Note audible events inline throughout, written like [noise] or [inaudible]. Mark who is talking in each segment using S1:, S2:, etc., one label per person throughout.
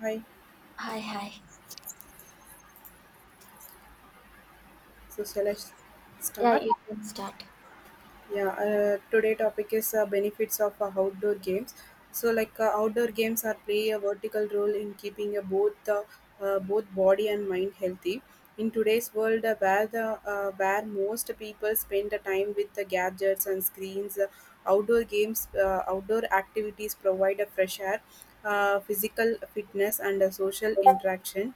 S1: Hi,
S2: Hi, hi.
S1: so
S2: Yeah,
S1: start?
S2: you can start.
S1: Yeah, today topic is benefits of outdoor games. So, like outdoor games are play a vertical role in keeping both body and mind healthy. In today's world, where most people spend the time with the gadgets and screens, outdoor activities provide a fresh air, physical fitness, and a social interaction.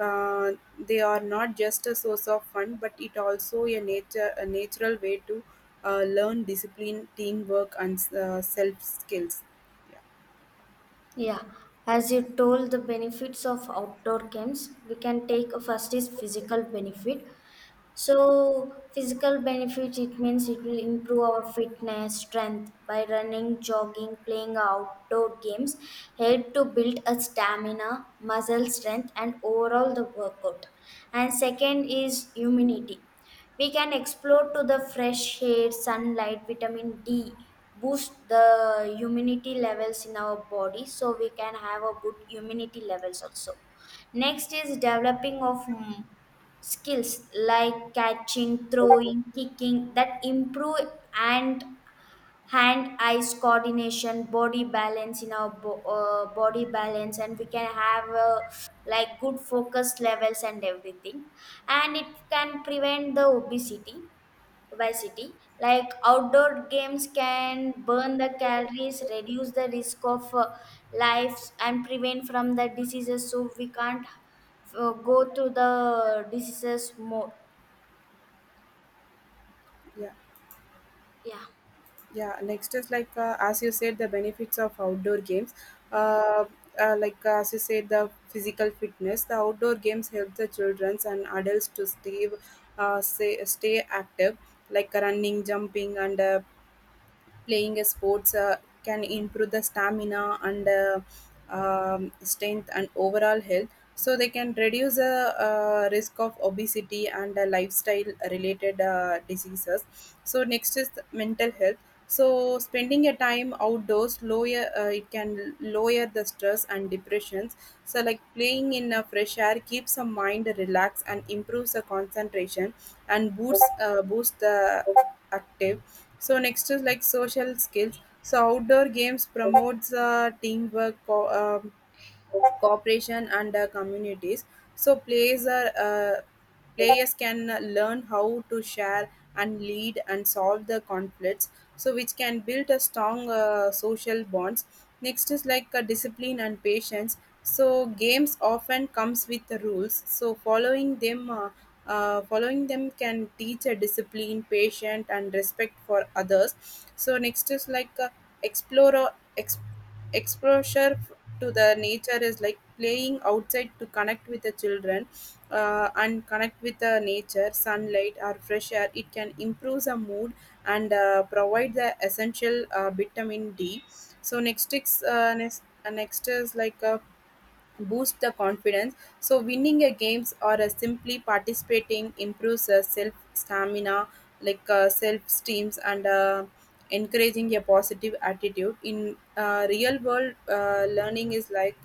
S1: Uh, they are not just a source of fun, but it also a natural way to learn discipline, teamwork, and self skills. Yeah,
S2: Yeah, as you told, the benefits of outdoor camps, we can take a first is physical benefit. So, physical benefit it means it will improve our fitness, strength by running, jogging, playing outdoor games, help to build a stamina, muscle strength, and overall the workout. And second is immunity. We can explore to the fresh air, sunlight, vitamin D, boost the immunity levels in our body, so we can have a good immunity levels also. Next is developing of skills like catching, throwing, kicking that improve, and hand eyes coordination body balance in our body balance, and we can have like good focus levels and everything, and it can prevent the obesity. Obesity, like outdoor games can burn the calories, reduce the risk of lives and prevent from the diseases, so we can't go through the diseases more.
S1: yeah,
S2: Yeah,
S1: yeah. Next is like as you said, the benefits of outdoor games.
S2: yeah,
S1: Uh, like as you said, the physical fitness. The outdoor games help the children and adults to stay active, like running, jumping, and playing a sports can improve the stamina and strength and overall health, so they can reduce the risk of obesity and lifestyle related diseases. So next is mental health. So spending a time outdoors lower it can lower the stress and depressions. So like playing in a fresh air keeps the mind relaxed and improves the concentration and boosts the active. So next is like social skills. So outdoor games promotes um, cooperation, and communities. So players can learn how to share and lead and solve the conflicts. So which can build a strong social bonds. Next is like discipline and patience. So games often comes with the rules. So following them. Following them can teach a discipline, patience, and respect for others. So next is like explore or ex- exposure to the nature is like playing outside to connect with the children and connect with the nature, sunlight, or fresh air. It can improve the mood and provide the essential vitamin D. So next is like a boost the confidence. So winning a games or simply participating improves self stamina, like self esteems and encouraging a positive attitude. In real world learning is like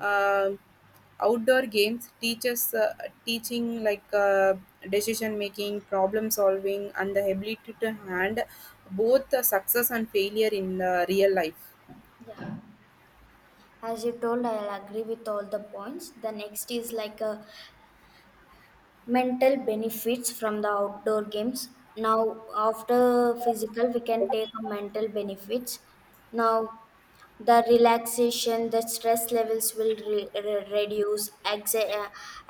S1: uh, outdoor games teaches teaching like decision making, problem solving, and the ability to hand both success and failure in real life.
S2: as you told, I'll agree with all the points. The next is like a mental benefits from the outdoor games. Now after physical we can take a mental benefits. Now the relaxation, the stress levels will reduce,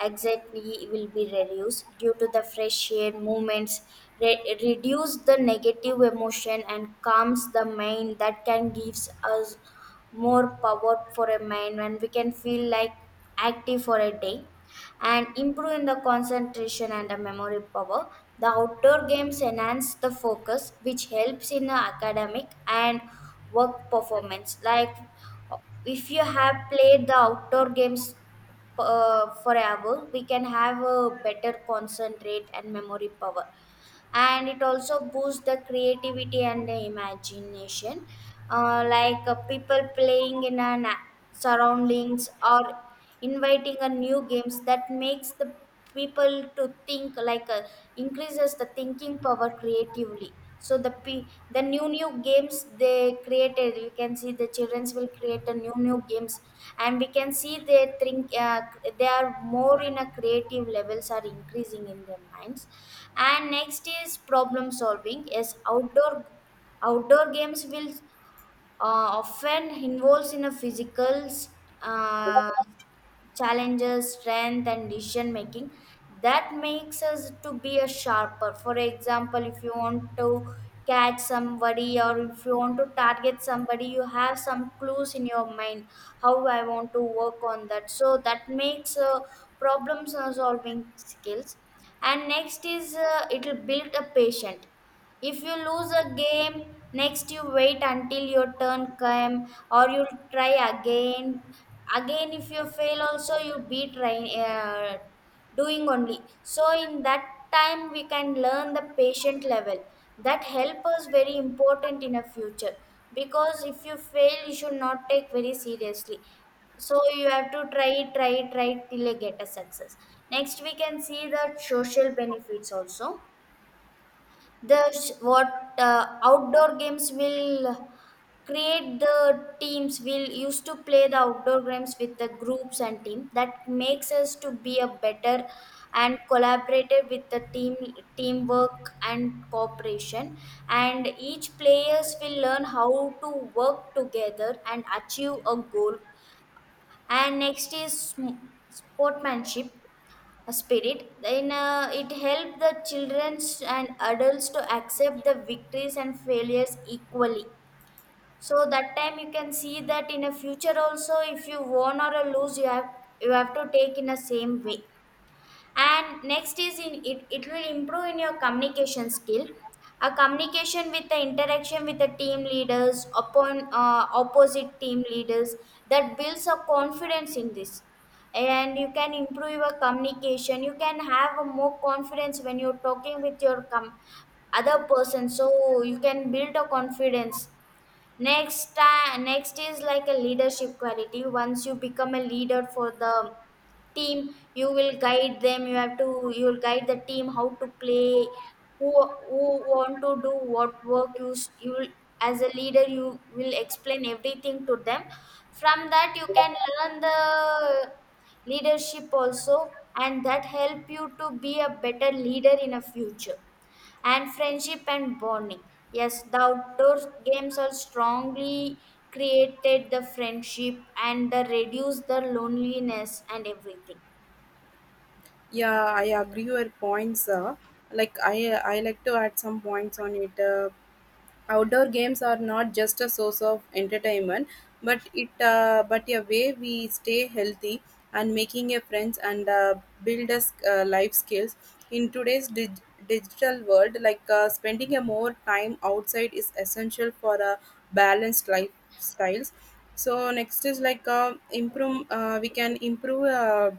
S2: anxiety will be reduced due to the fresh air movements, reduce the negative emotion and calms the mind, that can gives us more power for a mind, and we can feel like active for a day. And improve in the concentration and the memory power, the outdoor games enhance the focus, which helps in the academic and work performance. Like if you have played the outdoor games for an hour, we can have a better concentrate and memory power. And it also boosts the creativity and the imagination. Like people playing in surroundings, or inviting a new games, that makes the people to think, like, increases the thinking power creatively. So the new games they created, we can see the childrens will create the new games, and we can see they think they are more in a creative levels are increasing in their minds. And next is problem solving. Is outdoor games will uh, often involves in a physical uh, challenges, strength, and decision making, that makes us to be a sharper. For example, if you want to catch somebody, or if you want to target somebody, you have some clues in your mind how I want to work on that. So that makes problem solving skills. And next is, it will build a patient. If you lose a game, next you wait until your turn come, or you'll try again. If you fail also you be trying, doing only, so in that time we can learn the patient level that help us very important in a future. Because if you fail you should not take very seriously, so you have to try, try, try till you get a success. Next we can see the social benefits also. The sh- what outdoor games will create the teams, we'll used to play the outdoor games with the groups and team, that makes us to be a better and collaborative with the team. Teamwork and cooperation, and each players will learn how to work together and achieve a goal. And next is sportsmanship, a spirit, then it helped the children and adults to accept the victories and failures equally. So that time you can see that in a future also, if you won or a lose, you have to take in the same way. And next is, in it will improve in your communication skill. A communication with the interaction with the team leaders, upon opposite team leaders, that builds a confidence in this. And you can improve your communication, you can have a more confidence when you're talking with your other person, so you can build a confidence. Next is like a leadership quality. Once you become a leader for the team, you will guide them. You have to You will guide the team how to play, who want to do what work. You s- you will- As a leader, you will explain everything to them. From that you can learn the leadership also, and that help you to be a better leader in a future. And friendship and bonding. Yes, the outdoor games are strongly created the friendship, and the reduce the loneliness and everything.
S1: Yeah, I agree your points. Like I like to add some points on it. Outdoor games are not just a source of entertainment, but but a way we stay healthy and making a friends and build us life skills in digital world. Like spending a more time outside is essential for a balanced lifestyles. So next is like improve. We can improve.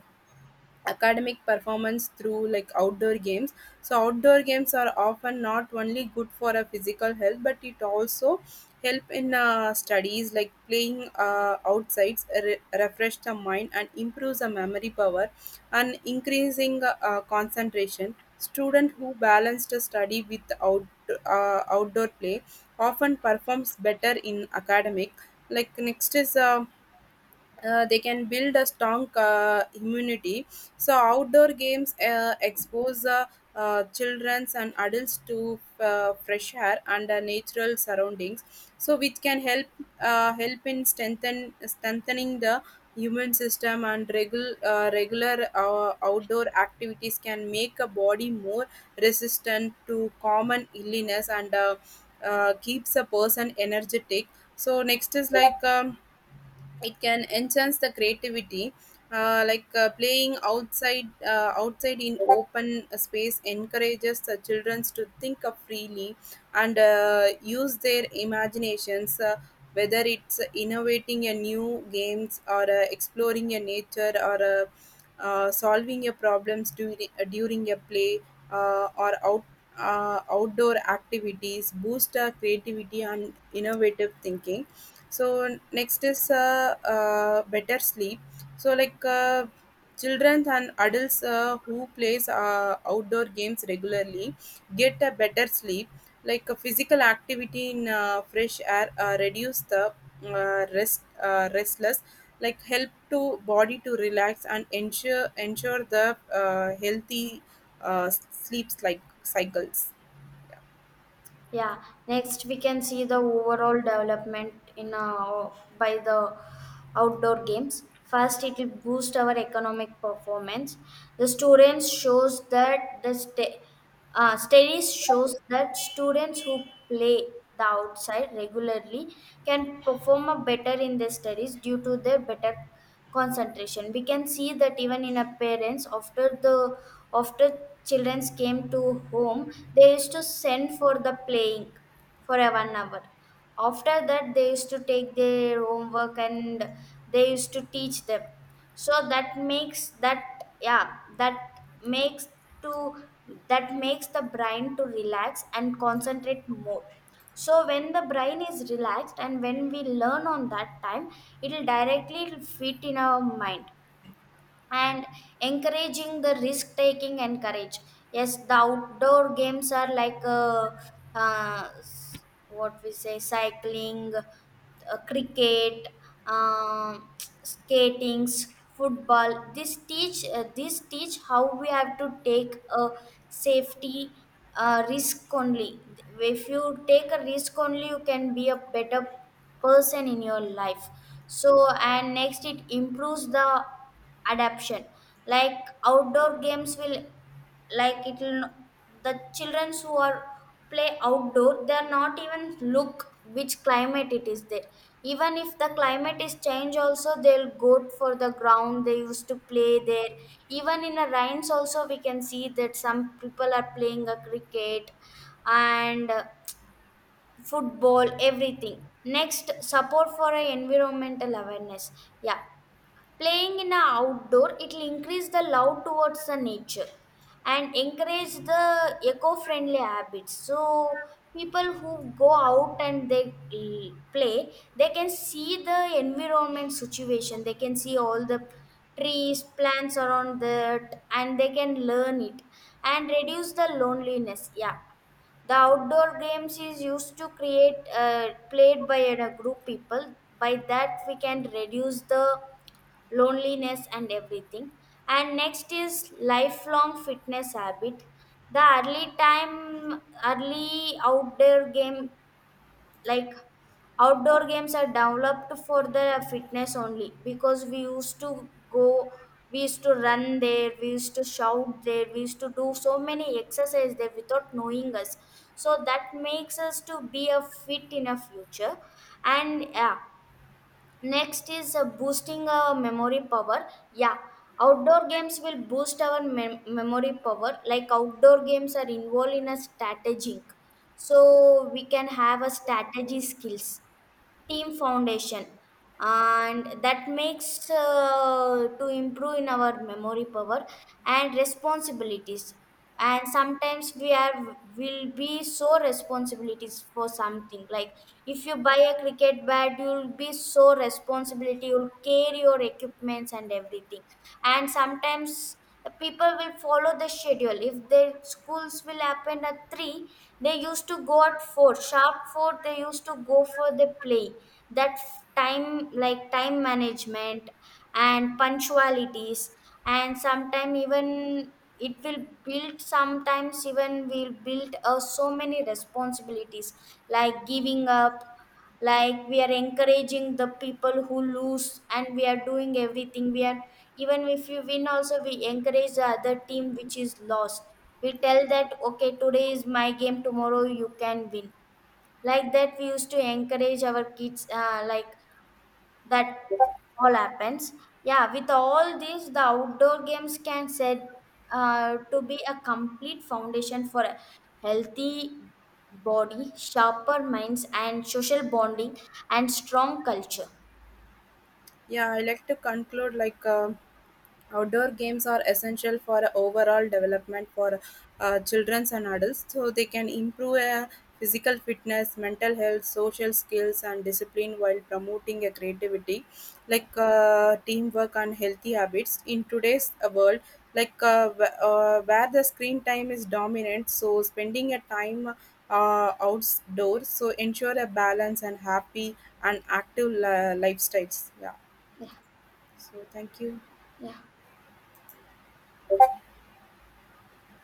S1: Academic performance through like outdoor games. So outdoor games are often not only good for a physical health but it also help in studies like playing refresh the mind and improves the memory power and increasing concentration. Student who balance the study with outdoor play often performs better in academic. Like next is they can build a strong immunity. So outdoor games expose childrens and adults to fresh air and natural surroundings. So which can help help in strengthen strengthening the human system, and regular outdoor activities can make a body more resistant to common illness and keeps a person energetic. So next is like it can enhance the creativity, like playing outside outside in open space encourages the children to think of freely and use their imaginations, whether it's innovating a new games or exploring a nature or solving your problems during a play or out outdoor activities boost our creativity and innovative thinking. So next is better sleep. So like children and adults who plays outdoor games regularly get a better sleep. Like a physical activity in fresh air reduce the restless, like help to body to relax and ensure the healthy sleeps like cycles.
S2: Yeah, next we can see the overall development in by the outdoor games. First, it will boost our economic performance. The students shows that studies shows that students who play the outside regularly can perform a better in their studies, due to their better concentration. We can see that even in a parents, after the after childrens came to home, they used to send for the playing for a 1 hour. After that, they used to take their homework and they used to teach them. So that makes that yeah, makes to that makes the brain to relax and concentrate more. So when the brain is relaxed and when we learn on that time, it will directly fit in our mind. And encouraging the risk taking and courage, yes, the outdoor games are like what we say, cycling, cricket, um, [tsk] skatings, football. This teach, how we have to take a safety, risk only. If you take a risk only you can be a better person in your life. So and next it improves the adaption. Like outdoor games will, like it will, no, the children who are play outdoor, they are not even look which climate it is there. Even if the climate is change also, they'll go for the ground, they used to play there. Even in the rains also, we can see that some people are playing a cricket and football everything. Next, support for a environmental awareness. Yeah, playing in a outdoor, it will increase the love towards the nature and encourage the eco-friendly habits. So people who go out and they play, they can see the environment situation. They can see all the trees, plants around that, and they can learn it, and reduce the loneliness. Yeah, the outdoor games is used to create played by a group people, by that we can reduce the loneliness and everything. And next is lifelong fitness habit, the early time, early outdoor game, like outdoor games are developed for the fitness only. Because we used to go, we used to run there, we used to shout there, we used to do so many exercise there without knowing us, so that makes us to be a fit in a future. And yeah, next is boosting our memory power. Yeah, outdoor games will boost our memory power. Like outdoor games are involved in a strategic, so we can have a strategy skills, team foundation, and that makes to improve in our memory power. And responsibilities, and sometimes we are will be so responsibilities for something, like if you buy a cricket bat, you'll be so responsibility, you'll carry your equipments and everything. And sometimes the people will follow the schedule, if their schools will happen at 3, they used to go at 4, sharp 4, they used to go for the play. That time, like time management and punctualities. And sometime even it will build, sometimes even will build, so many responsibilities, like giving up. Like we are encouraging the people who lose, and we are doing everything, we are even if you win also, we encourage the other team which is lost. We tell that, okay, today is my game, tomorrow you can win. Like that we used to encourage our kids, like that all happens. Yeah, with all these, the outdoor games can set, to be a complete foundation for a healthy body, sharper minds, and social bonding, and strong culture.
S1: Yeah, I like to conclude like outdoor games are essential for overall development for children and adults. So they can improve physical fitness, mental health, social skills, and discipline while promoting a creativity,
S2: Yeah.
S1: like teamwork and healthy habits. In today's world, like where the screen time is dominant, so spending a time outdoors so ensure a balance and happy and active lifestyles. Yeah.
S2: Yeah,
S1: So, thank you.
S2: yeah.